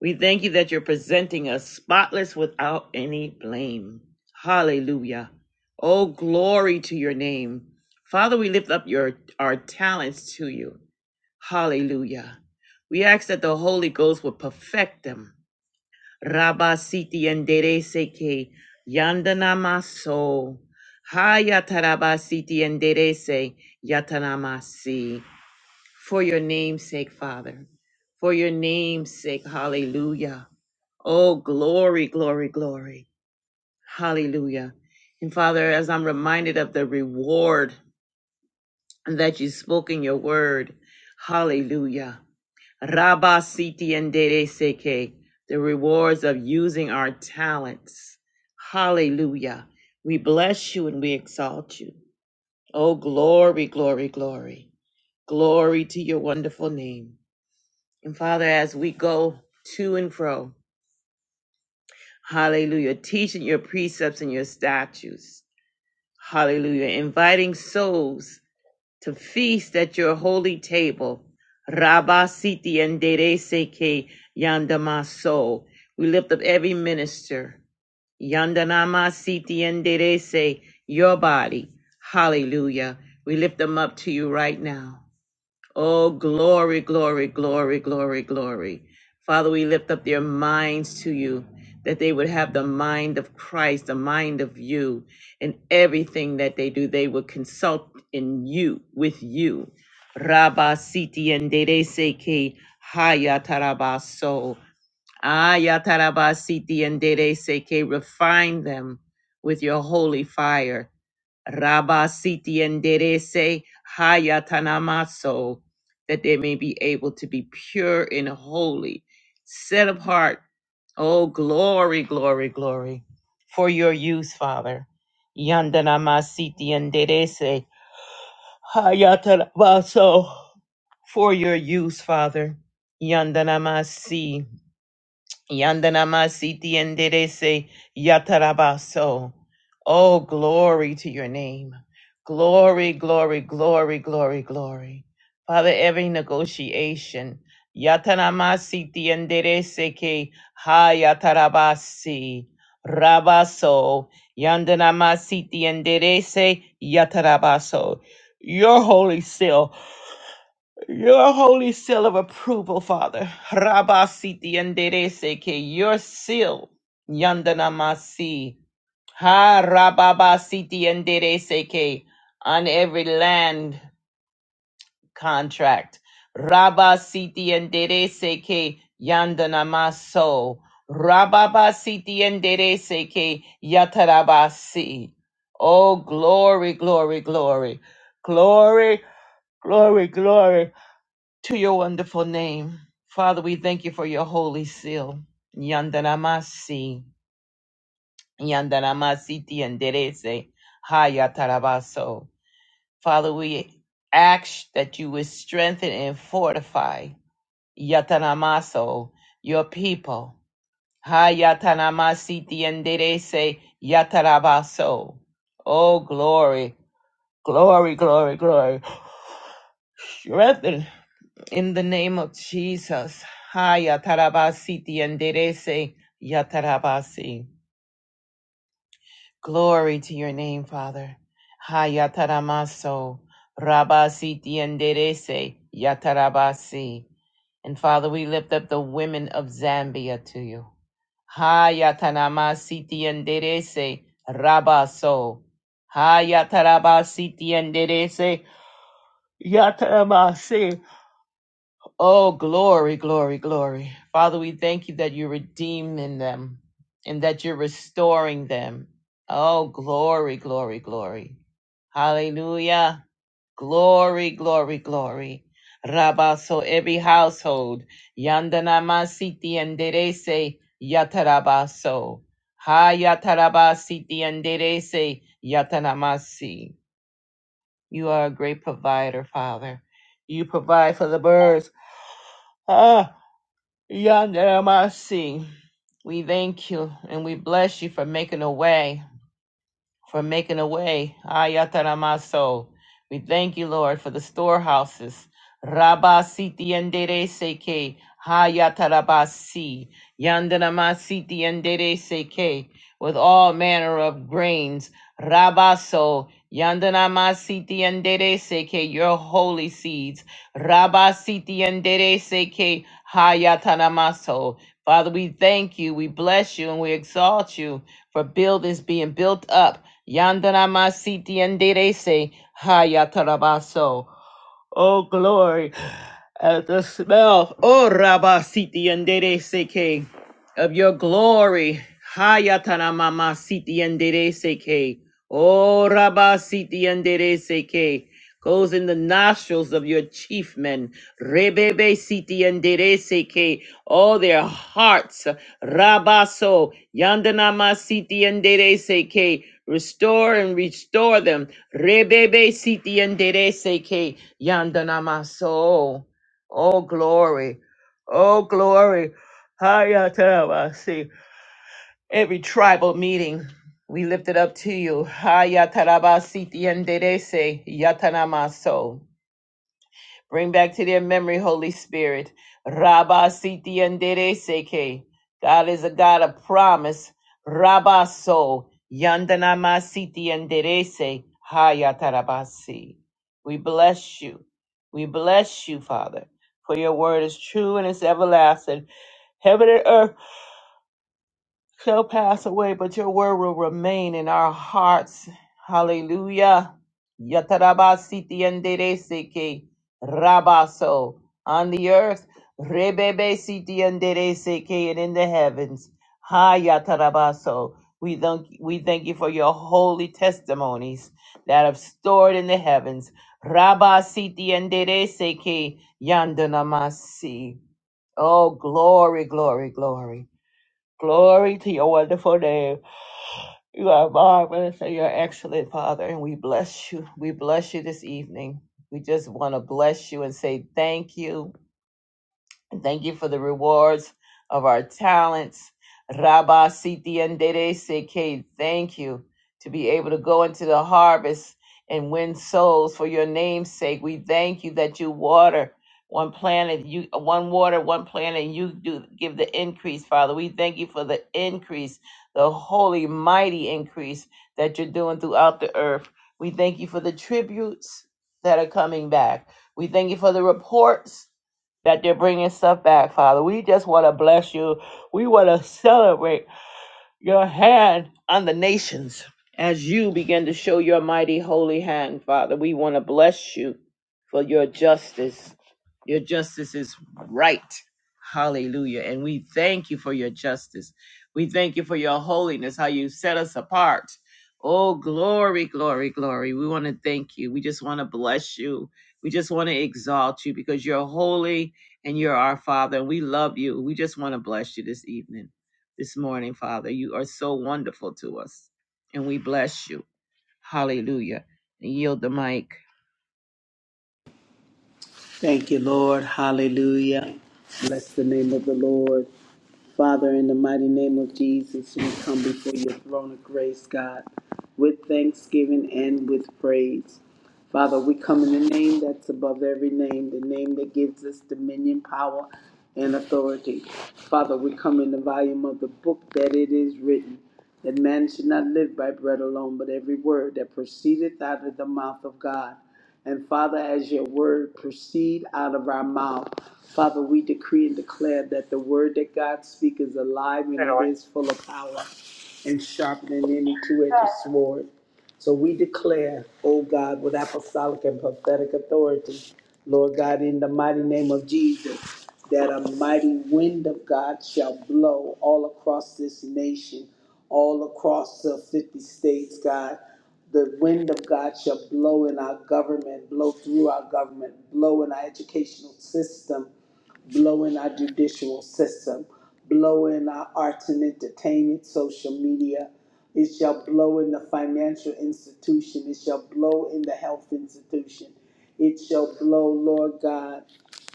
Speaker 4: We thank you that you're presenting us spotless without any blame. Hallelujah. Oh, glory to your name. Father, we lift up your our talents to you. Hallelujah. We ask that the Holy Ghost would perfect them. Rabba siti endere seke yandanamaso. Hayataraba siti endere se yatanamasi. For your name's sake, Father. For your name's sake, hallelujah. Oh, glory, glory, glory. Hallelujah. And Father, as I'm reminded of the reward that you spoke in your word, hallelujah. Rabba Siti and Dere Seke, the rewards of using our talents. Hallelujah. We bless you and we exalt you. Oh, glory, glory, glory. Glory to your wonderful name. And Father, as we go to and fro, Hallelujah. Teaching your precepts and your statutes. Hallelujah. Inviting souls to feast at your holy table. Rabba Siti and Dere Seke Yandamaso. We lift up every minister. Yandanama Siti and Dere Se, your body. Hallelujah. We lift them up to you right now. Oh, glory, glory, glory, glory, glory. Father, we lift up their minds to you, that they would have the mind of Christ, the mind of you, and everything that they do, they would consult in you, with you. Rabba siti and dere seke hayatarabaso. Ayataraba siti and dere seke. Refine them with your holy fire. Rabasiti enderece hayatanamaso, that they may be able to be pure and holy, set apart. Oh, glory, glory, glory, for your use, Father. Yandanamasiti enderece hayatanamaso, for your use, Father. Yandanamasi. Yandanamasiti enderece yatarabaso. Oh, glory to your name. Glory, glory, glory, glory, glory. Father, every negotiation. Yatanamasiti ke ha yatarabasi. Rabaso. Yandanamasiti enderece yatarabaso. Your holy seal. Your holy seal of approval, Father. Rabasiti siti enderece que your seal, yandanamasi. Ha rababa siti enderece que on every land contract. Rabasiti siti enderece que yandanamaso. Rababa siti enderece que yatarabasi. Oh, glory, glory, glory. Glory, glory, glory to your wonderful name. Father, we thank you for your holy seal. Yandanamasi, Yandanamasiti Yanderese, Hayatarabaso. Father, we ask that you would strengthen and fortify Yatanamaso, your people. Hayatanamasiti Yanderese, Yatarabaso. Oh, glory, glory, glory, glory. Strengthen In the name of Jesus. Haya tarabasi tienderese yatarabasi. Glory to your name, Father. Haya taramaso rabasi tienderese yatarabasi. And Father, we lift up the women of Zambia to you. Haya tanamasi tienderese rabaso. Haya tarabasi tienderese yatarabasi. Oh, glory, glory, glory. Father, we thank you that you're redeeming them and that you're restoring them. Oh, glory, glory, glory. Hallelujah. Glory, glory, glory. Rabba, so every household, Yandana Masiti and Derese, Yatarabaso. Ha Yatarabasiti and Derese, Yatanamasi. You are a great provider, Father. You provide for the birds. Ah. Yonder mercy. We thank you and we bless you for making a way for making a way. Ayataramaso. We thank you, Lord, for the storehouses. rabasi siti endere seke. Hayatarabasi. Yandanama siti endere seke. With all manner of grains. Rabaso. Yandanama siti endere seke. Your holy seeds. rabasi siti endere seke. Hayatanamaso. Father, we thank you, we bless you, and we exalt you for build is being built up. Yandanama siti and dere se hayatarabaso. Oh glory at the smell, oh Rabba Siti Andere Seke, of your glory, Hayatana Mama Siti Andere Seke, oh Rabba Siti Andere Seke, goes in the nostrils of your chief men, Rebebe Siti Andere Seke, all their hearts, Rabaso, Yandanama Siti Andere Seke, restore and restore them, Rebebe Siti Andere Seke, Yandanama So. Oh, glory. Oh, glory. Hayatarabasi. Every tribal meeting, we lift it up to you. Hayatarabasi tiendedese yatanamaso. Bring back to their memory, Holy Spirit. Rabba Siti Andere Seke. God is a God of promise. Rabba So. Yandanama Siti Andere Se. Hayatarabasi. We bless you. We bless you, Father, for your word is true and it's everlasting. Heaven and earth shall pass away, but your word will remain in our hearts. Hallelujah. Yatarabasiti andereseke rabaso on the earth, rebebe siti andereseke and in the heavens. Ha yatarabaso. We thank we thank you for your holy testimonies that have stored in the heavens. Rabasiti siti andereseke yandanamasi. Oh, glory, glory, glory. Glory to your wonderful name. You are marvelous and you're excellent, Father, and we bless you. We bless you this evening. We just want to bless you and say thank you. And Thank you for the rewards of our talents. Rabba Siti Andere Seke, thank you to be able to go into the harvest and win souls for your name's sake. We thank you that you water one planet, you one water, one planet, and you do give the increase, Father. We thank you for the increase, the holy, mighty increase that you're doing throughout the earth. We thank you for the tributes that are coming back. We thank you for the reports that they're bringing stuff back, Father. We just want to bless you. We want to celebrate your hand on the nations as you begin to show your mighty holy hand, Father. We want to bless you for your justice. Your justice is right. Hallelujah. And we thank you for your justice. We thank you for your holiness, how you set us apart. Oh, glory, glory, glory. We want to thank you. We just want to bless you. We just want to exalt you because you're holy and you're our Father. And we love you. We just want to bless you this evening this morning, Father. You are so wonderful to us, and we bless you. Hallelujah. And yield the mic.
Speaker 2: Thank you, Lord. Hallelujah. Bless the name of the Lord. Father, in the mighty name of Jesus, we come before your throne of grace, God, with thanksgiving and with praise. Father, we come in the name that's above every name, the name that gives us dominion, power, and authority. Father, we come in the volume of the book that it is written, that man should not live by bread alone, but every word that proceedeth out of the mouth of God. And Father, as your word proceed out of our mouth, Father, we decree and declare that the word that God speaks is alive and it is full of power and sharper than any two-edged sword. So we declare, O God, with apostolic and prophetic authority, Lord God, in the mighty name of Jesus, that a mighty wind of God shall blow all across this nation, all across the 50 states, God. The wind of God shall blow in our government, blow through our government, blow in our educational system, blow in our judicial system, blow in our arts and entertainment, social media. It shall blow in the financial institution. It shall blow in the health institution. It shall blow, Lord God,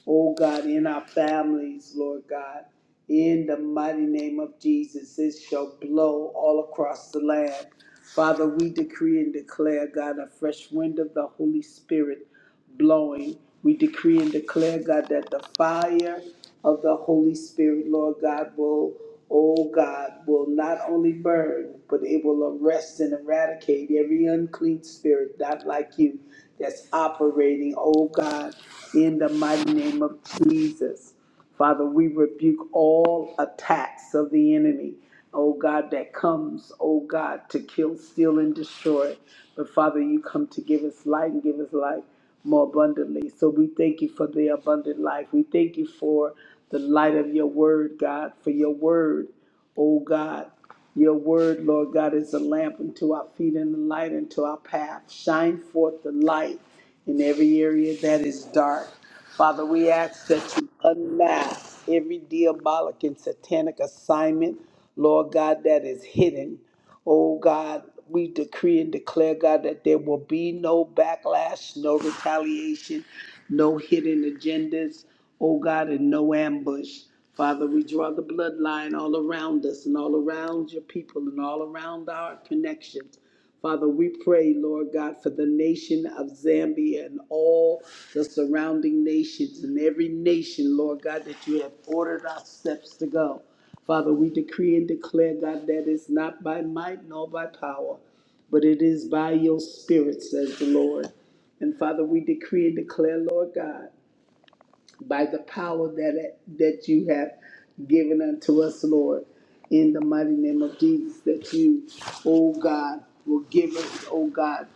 Speaker 2: oh God, in our families, Lord God. In the mighty name of Jesus, it shall blow all across the land. Father, we decree and declare, God, a fresh wind of the Holy Spirit blowing. We decree and declare, God, that the fire of the Holy Spirit, Lord God, will, oh God, will not only burn, but it will arrest and eradicate every unclean spirit, not like you, that's operating, oh God, in the mighty name of Jesus. Father, we rebuke all attacks of the enemy, oh God, that comes, oh God, to kill, steal, and destroy. But Father, you come to give us light and give us life more abundantly. So we thank you for the abundant life. We thank you for the light of your word, God, for your word. O God. Your word, Lord God, is a lamp unto our feet and a light unto our path. Shine forth the light in every area that is dark. Father, we ask that you unmask every diabolic and satanic assignment, Lord God, that is hidden. Oh God, we decree and declare, God, that there will be no backlash, no retaliation, no hidden agendas oh God, in no ambush. Father, we draw the bloodline all around us and all around your people and all around our connections. Father, we pray, Lord God, for the nation of Zambia and all the surrounding nations and every nation, Lord God, that you have ordered our steps to go. Father, we decree and declare, God, that it's not by might nor by power, but it is by your spirit, says the Lord. And Father, we decree and declare, Lord God, by the power that that you have given unto us, Lord, in the mighty name of Jesus, that you, oh God, will give us, oh God,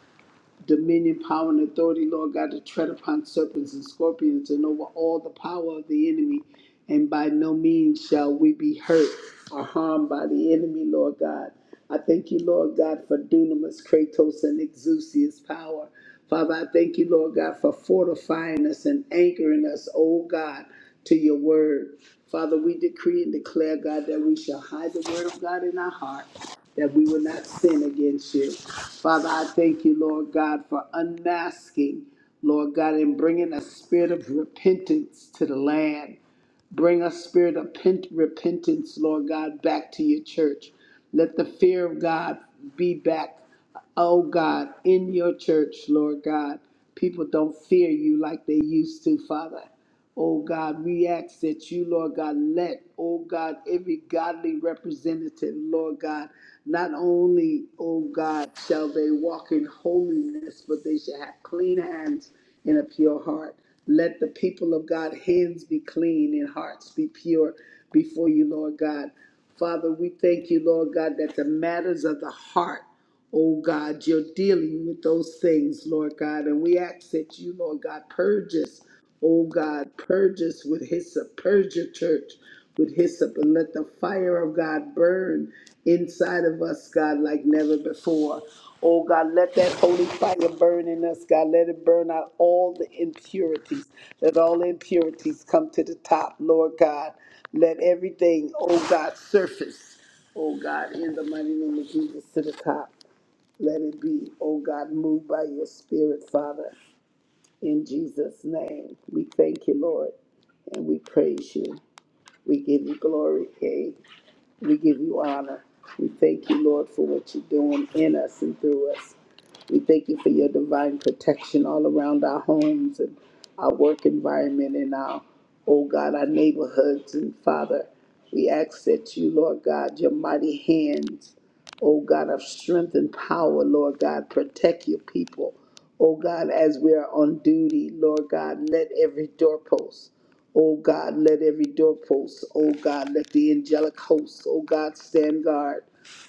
Speaker 2: dominion, power, and authority, Lord God, to tread upon serpents and scorpions and over all the power of the enemy. And by no means shall we be hurt or harmed by the enemy, Lord God. I thank you, Lord God, for dunamis, kratos, and exousia's power. Father, I thank you, Lord God, for fortifying us and anchoring us, oh God, to your word. Father, we decree and declare, God, that we shall hide the word of God in our heart that we will not sin against you. Father, I thank you, Lord God, for unmasking, Lord God, and bringing a spirit of repentance to the land. Bring a spirit of pent- repentance, Lord God, back to your church. Let the fear of God be back, oh God, in your church, Lord God. People don't fear you like they used to, Father. Oh God, we ask that you, Lord God, let, oh God, every godly representative, Lord God, not only, oh God, shall they walk in holiness, but they shall have clean hands and a pure heart. Let the people of God hands be clean and hearts be pure before you, Lord God. Father, we thank you, Lord God, that the matters of the heart, oh God, you're dealing with those things, Lord God. And we ask that you, Lord God, purge us Oh God, purge us with hyssop, purge your church with hyssop, and let the fire of God burn inside of us, God, like never before. Oh God, let that holy fire burn in us, God. Let it burn out all the impurities. Let all impurities come to the top, Lord God. Let everything, oh God, surface, oh God, in the mighty name of Jesus to the top. Let it be, oh God, moved by your spirit, Father. In Jesus' name, we thank you, Lord, and we praise you. We give you glory, King. We give you honor. We thank you, Lord, for what you're doing in us and through us. We thank you for your divine protection all around our homes and our work environment and our, oh God, our neighborhoods. And Father, we ask that you, Lord God, your mighty hands, oh God, of strength and power, Lord God, protect your people. Oh God, as we are on duty, Lord God, let every doorpost Oh God, let every doorpost, oh God, let the angelic hosts, oh God, stand guard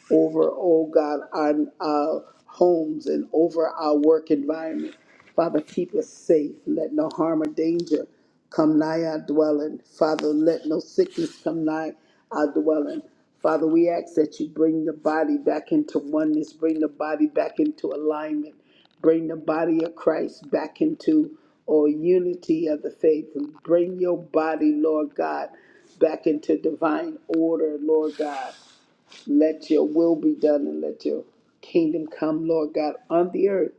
Speaker 2: over, oh God, our, our homes and over our work environment. Father, keep us safe. Let no harm or danger come nigh our dwelling. Father, let no sickness come nigh our dwelling. Father, we ask that you bring the body back into oneness, bring the body back into alignment, bring the body of Christ back into or unity of the faith, and bring your body, Lord God, back into divine order, Lord God. Let your will be done and let your kingdom come, Lord God, on the earth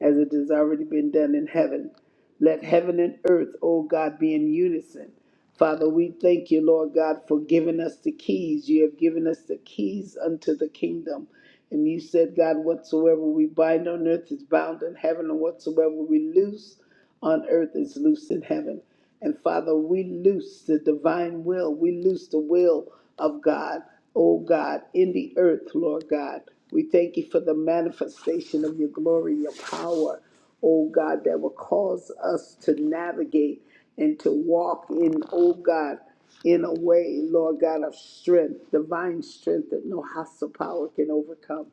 Speaker 2: as it has already been done in heaven. Let heaven and earth, O God, be in unison. Father, we thank you, Lord God, for giving us the keys. You have given us the keys unto the kingdom. And you said, God, whatsoever we bind on earth is bound in heaven, and whatsoever we loose on earth is loosed in heaven. And Father, we loose the divine will. We loose the will of God, O God, in the earth, Lord God. We thank you for the manifestation of your glory, your power oh God, that will cause us to navigate and to walk in, oh God, in a way, Lord God, of strength, divine strength that no hostile power can overcome.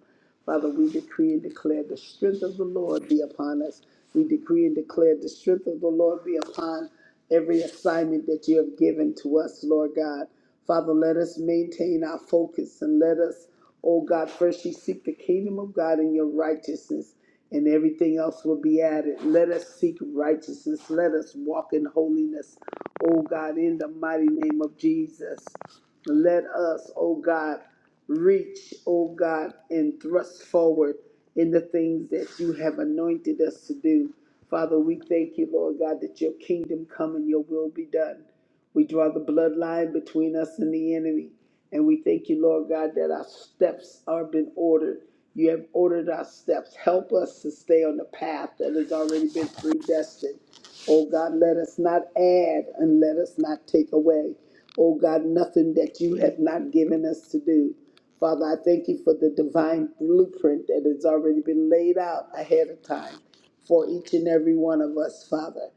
Speaker 2: Father, we decree and declare the strength of the Lord be upon us. We decree and declare the strength of the Lord be upon every assignment that you have given to us, Lord God. Father, let us maintain our focus and let us, Oh God, first you seek the kingdom of God and your righteousness, and everything else will be added. Let us seek righteousness. Let us walk in holiness. Oh God, in the mighty name of Jesus. Let us, oh God, reach, oh God, and thrust forward in the things that you have anointed us to do. Father, we thank you, Lord God, that your kingdom come and your will be done. We draw the bloodline between us and the enemy. And we thank you, Lord God, that our steps are been ordered. You have ordered our steps. Help us to stay on the path that has already been predestined. Oh God, let us not add and let us not take away. Oh God, nothing that you have not given us to do. Father, I thank you for the divine blueprint that has already been laid out ahead of time for each and every one of us, Father.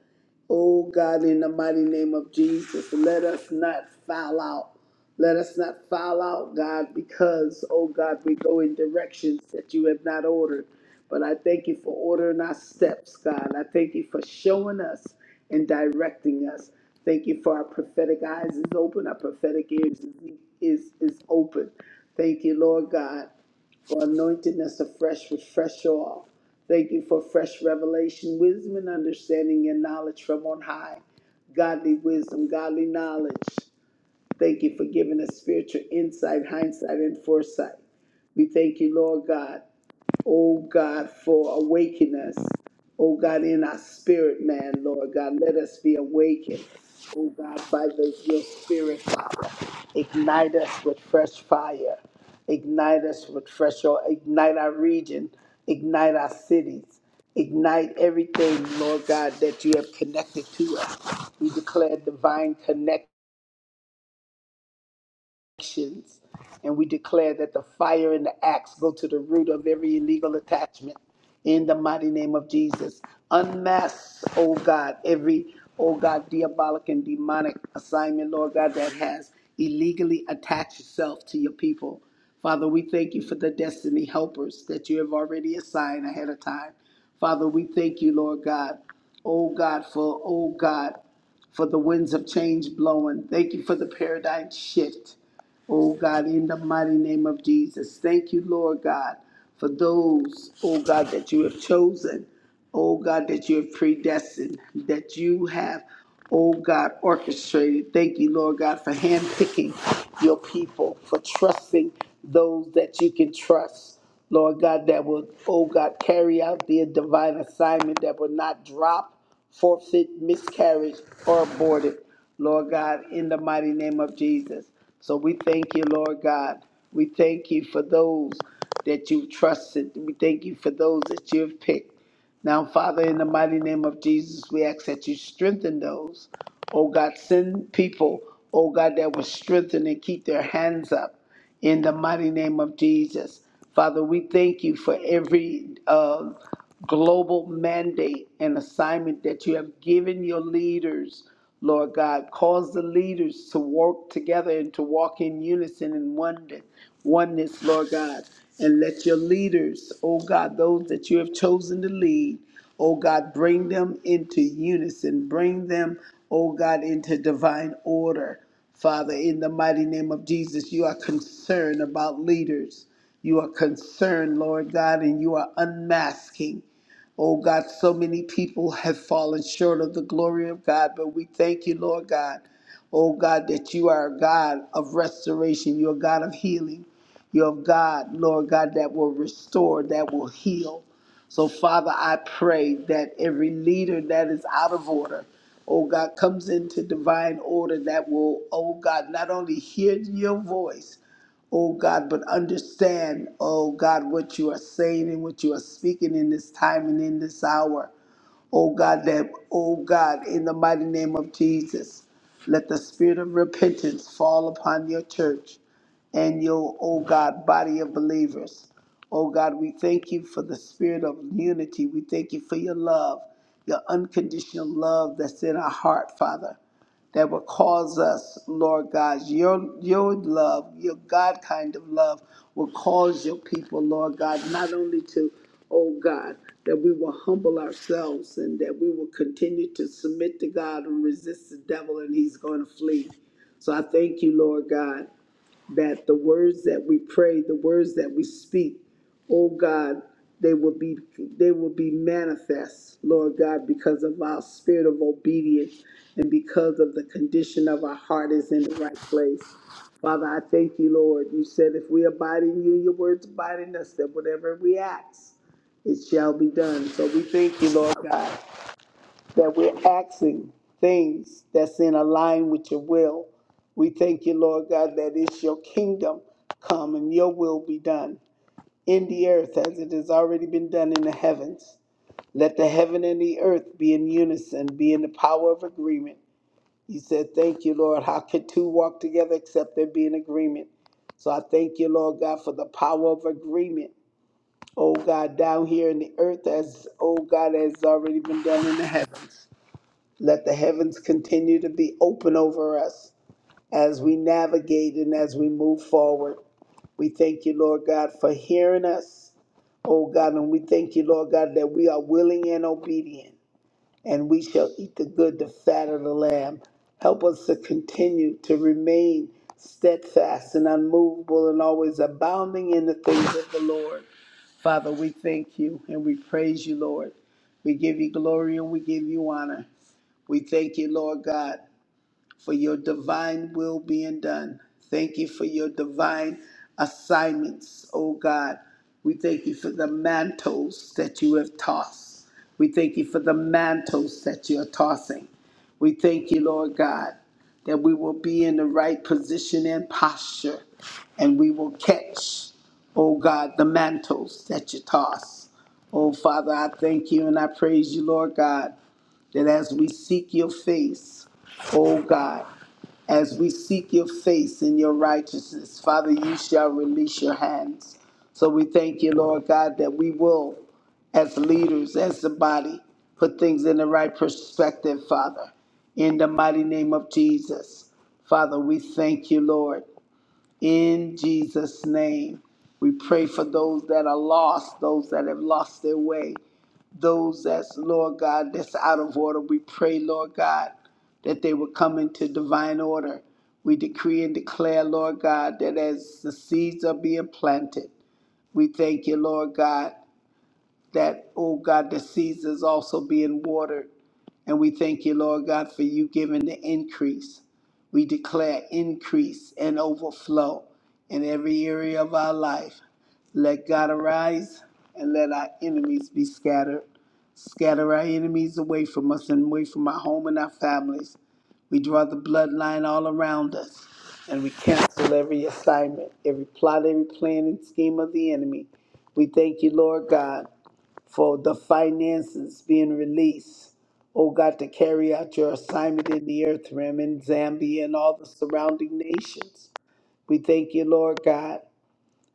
Speaker 2: Oh God, in the mighty name of Jesus, let us not foul out. Let us not foul out, God, because, oh God, we go in directions that you have not ordered. But I thank you for ordering our steps, God. I thank you for showing us and directing us. Thank you for our prophetic eyes is open, our prophetic ears is, is, is open. Thank you, Lord God, for anointing us afresh with fresh oil. Thank you for fresh revelation, wisdom, and understanding your knowledge from on high. Godly wisdom, godly knowledge. Thank you for giving us spiritual insight, hindsight, and foresight. We thank you, Lord God oh God, for awakening us. Oh God, in our spirit, man, Lord God, let us be awakened. Oh God, by the, your spirit, Father. Ignite us with fresh fire. Ignite us with fresh oil. Ignite our region. Ignite our cities. Ignite everything, Lord God, that you have connected to us. We declare divine actions, and we declare that the fire and the axe go to the root of every illegal attachment in the mighty name of Jesus. Unmask, oh God, every, oh God, diabolic and demonic assignment, Lord God, that has illegally attached itself to your people. Father, we thank you for the destiny helpers that you have already assigned ahead of time. Father, we thank you, Lord God. Oh God, for, oh God for the winds of change blowing. Thank you for the paradigm shift. Oh God, in the mighty name of Jesus. Thank you, Lord God, for those, oh God, that you have chosen. Oh God, that you have predestined, that you have, oh God, orchestrated. Thank you, Lord God, for handpicking your people, for trusting those that you can trust. Lord God, that will, oh God, carry out their divine assignment, that will not drop forfeit, miscarriage, or aborted, Lord God, in the mighty name of Jesus. So we thank you, Lord God. We thank you for those that you've trusted. We thank you for those that you've picked. Now, Father, in the mighty name of Jesus, we ask that you strengthen those. Oh God, send people, oh God, that will strengthen and keep their hands up in the mighty name of Jesus. Father, we thank you for every uh, global mandate and assignment that you have given your leaders, Lord God. Cause the leaders to work together and to walk in unison and wonder oneness, Lord God. And let your leaders, oh God, those that you have chosen to lead, oh God, bring them into unison. Bring them, oh God, into divine order. Father, in the mighty name of Jesus, you are concerned about leaders. You are concerned, Lord God, and you are unmasking. Oh God, so many people have fallen short of the glory of God, but we thank you, Lord God, oh God, that you are a God of restoration. You're a God of healing. You're a God, Lord God, that will restore, that will heal. So, Father, I pray that every leader that is out of order, oh God, comes into divine order that will, oh God, not only hear your voice, oh God, but understand, oh God, what you are saying and what you are speaking in this time and in this hour. Oh God, that, oh God, in the mighty name of Jesus, let the spirit of repentance fall upon your church and your, oh God, body of believers. Oh God, we thank you for the spirit of unity. We thank you for your love, your unconditional love that's in our heart, Father that will cause us, Lord God, your your love, your God kind of love will cause your people, Lord God, not only to, oh God, that we will humble ourselves and that we will continue to submit to God and resist the devil and he's going to flee. So I thank you, Lord God that the words that we pray, the words that we speak, oh God, they will be they will be manifest, Lord God, because of our spirit of obedience and because of the condition of our heart is in the right place. Father, I thank you, Lord. You said if we abide in you, your words abide in us, that whatever we ask, it shall be done. So we thank you, Lord God that we're asking things that's in align with your will. We thank you, Lord God, that it's your kingdom come and your will be done in the earth as it has already been done in the heavens. Let the heaven and the earth be in unison, be in the power of agreement. You said, Thank you, Lord. How could two walk together except there be an agreement? So I thank you, Lord God, for the power of agreement. Oh God, down here in the earth, as oh God, has already been done in the heavens. Let the heavens continue to be open over us as we navigate and as we move forward. We thank you, Lord God, for hearing us, oh God, and we thank you, Lord God, that we are willing and obedient, and we shall eat the good, the fat of the lamb. Help us to continue to remain steadfast and unmovable and always abounding in the things of the Lord. Father, we thank you and we praise you, Lord. We give you glory and we give you honor. We thank you, Lord God for your divine will being done. Thank you for your divine assignments, oh God. We thank you for the mantles that you have tossed. We thank you for the mantles that you are tossing. We thank you, Lord God, that we will be in the right position and posture, and we will catch, oh God, the mantles that you toss. Oh Father, I thank you and I praise you, Lord God, that as we seek your face, O God, as we seek your face in your righteousness, Father, you shall release your hands. So we thank you, Lord God, that we will, as leaders, as the body, put things in the right perspective, Father, in the mighty name of Jesus. Father, we thank you, Lord. In Jesus' name, we pray for those that are lost, those that have lost their way, those that's, Lord God, that's out of order. We pray, Lord God, that they will come into divine order. We decree and declare, Lord God, that as the seeds are being planted, we thank you, Lord God that, oh God, the seeds is also being watered. And we thank you, Lord God, for you giving the increase. We declare increase and overflow in every area of our life. Let God arise and let our enemies be scattered. Scatter our enemies away from us and away from our home and our families. We draw the bloodline all around us and we cancel every assignment, every plot, every plan and scheme of the enemy. We thank you, Lord God for the finances being released. Oh God, to carry out your assignment in the earth realm in Zambia and all the surrounding nations. We thank you, Lord God,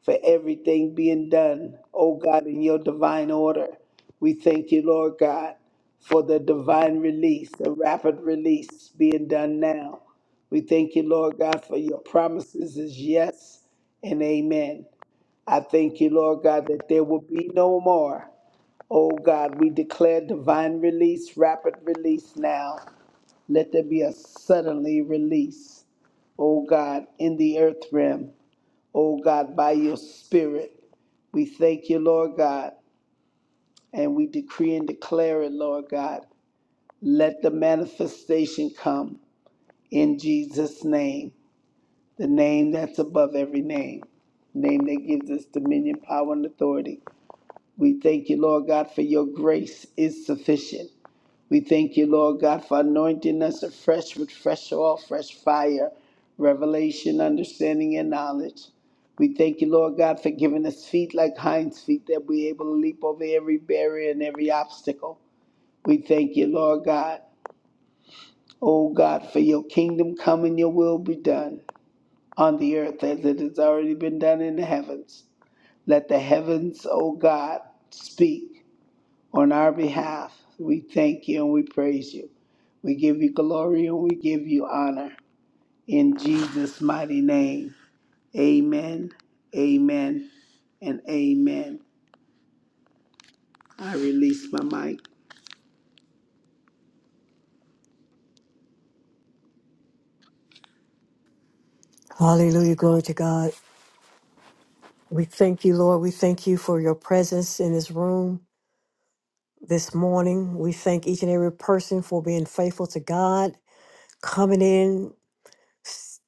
Speaker 2: for everything being done, oh God, in your divine order. We thank you, Lord God, for the divine release, the rapid release being done now. We thank you, Lord God, for your promises is yes and amen. I thank you, Lord God, that there will be no more. Oh God, we declare divine release, rapid release now. Let there be a suddenly release, oh God, in the earth realm. Oh God, by your spirit. We thank you, Lord God, and we decree and declare it, Lord God. Let the manifestation come in Jesus' name, the name that's above every name, name that gives us dominion, power, and authority. We thank you, Lord God, for your grace is sufficient. We thank you, Lord God, for anointing us afresh with fresh oil, fresh fire, revelation, understanding, and knowledge. We thank you, Lord God, for giving us feet like hinds feet that we're able to leap over every barrier and every obstacle. We thank you, Lord God, oh God, for your kingdom come and your will be done on the earth as it has already been done in the heavens. Let the heavens, oh God, speak on our behalf. We thank you and we praise you. We give you glory and we give you honor. In Jesus' mighty name, amen, amen, and amen. I release my mic.
Speaker 1: Hallelujah. Glory to God. We thank you, Lord. We thank you for your presence in this room this morning. We thank each and every person for being faithful to God, coming in, s-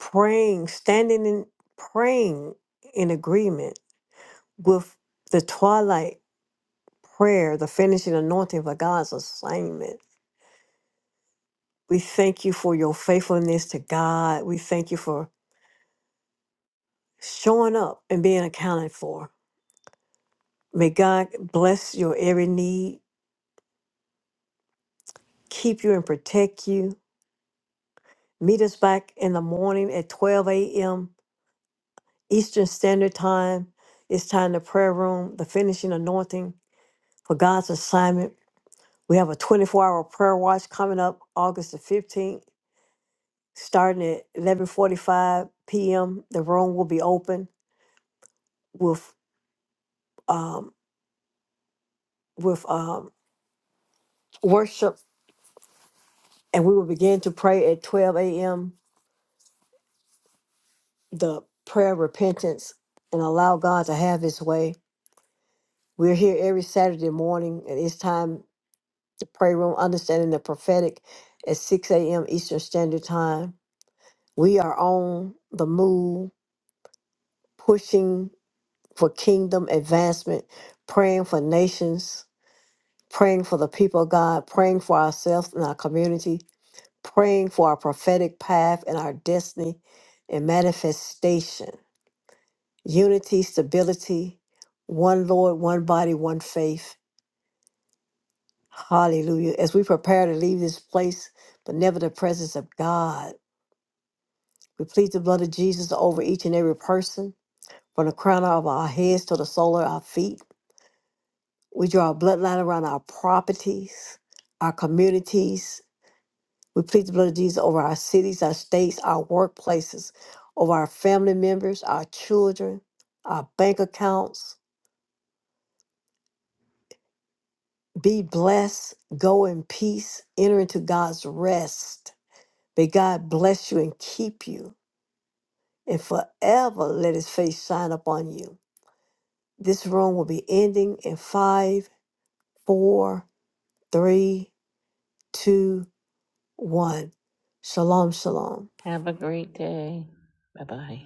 Speaker 1: praying, standing in praying in agreement with the twilight prayer, the finishing anointing for God's assignment. We thank you for your faithfulness to God. We thank you for showing up and being accounted for. May God bless your every need, keep you and protect you. Meet us back in the morning at 12 a.m. Eastern Standard Time. It's time to prayer room, the finishing anointing for God's assignment. We have a 24 hour prayer watch coming up August the 15th. starting at eleven forty five p.m. The room will be open with um, with um, worship, and we will begin to pray at twelve a.m. The prayer of repentance and allow God to have His way. We're here every Saturday morning, and it's time to pray room, understanding the prophetic at six a.m. Eastern Standard Time. We are on the move, pushing for kingdom advancement, praying for nations praying for the people of God, praying for ourselves and our community, praying for our prophetic path and our destiny and manifestation. Unity, stability, one Lord, one body, one faith. Hallelujah. As we prepare to leave this place, but never the presence of God, we plead the blood of Jesus over each and every person, from the crown of our heads to the sole of our feet. We draw a bloodline around our properties, our communities, We plead the blood of Jesus over our cities, our states, our workplaces, over our family members, our children, our bank accounts. Be blessed, go in peace, enter into God's rest. May God bless you and keep you, and forever let his face shine upon you. This room will be ending in five, four, three, two, one. Shalom, shalom.
Speaker 4: Have a great day. Bye bye.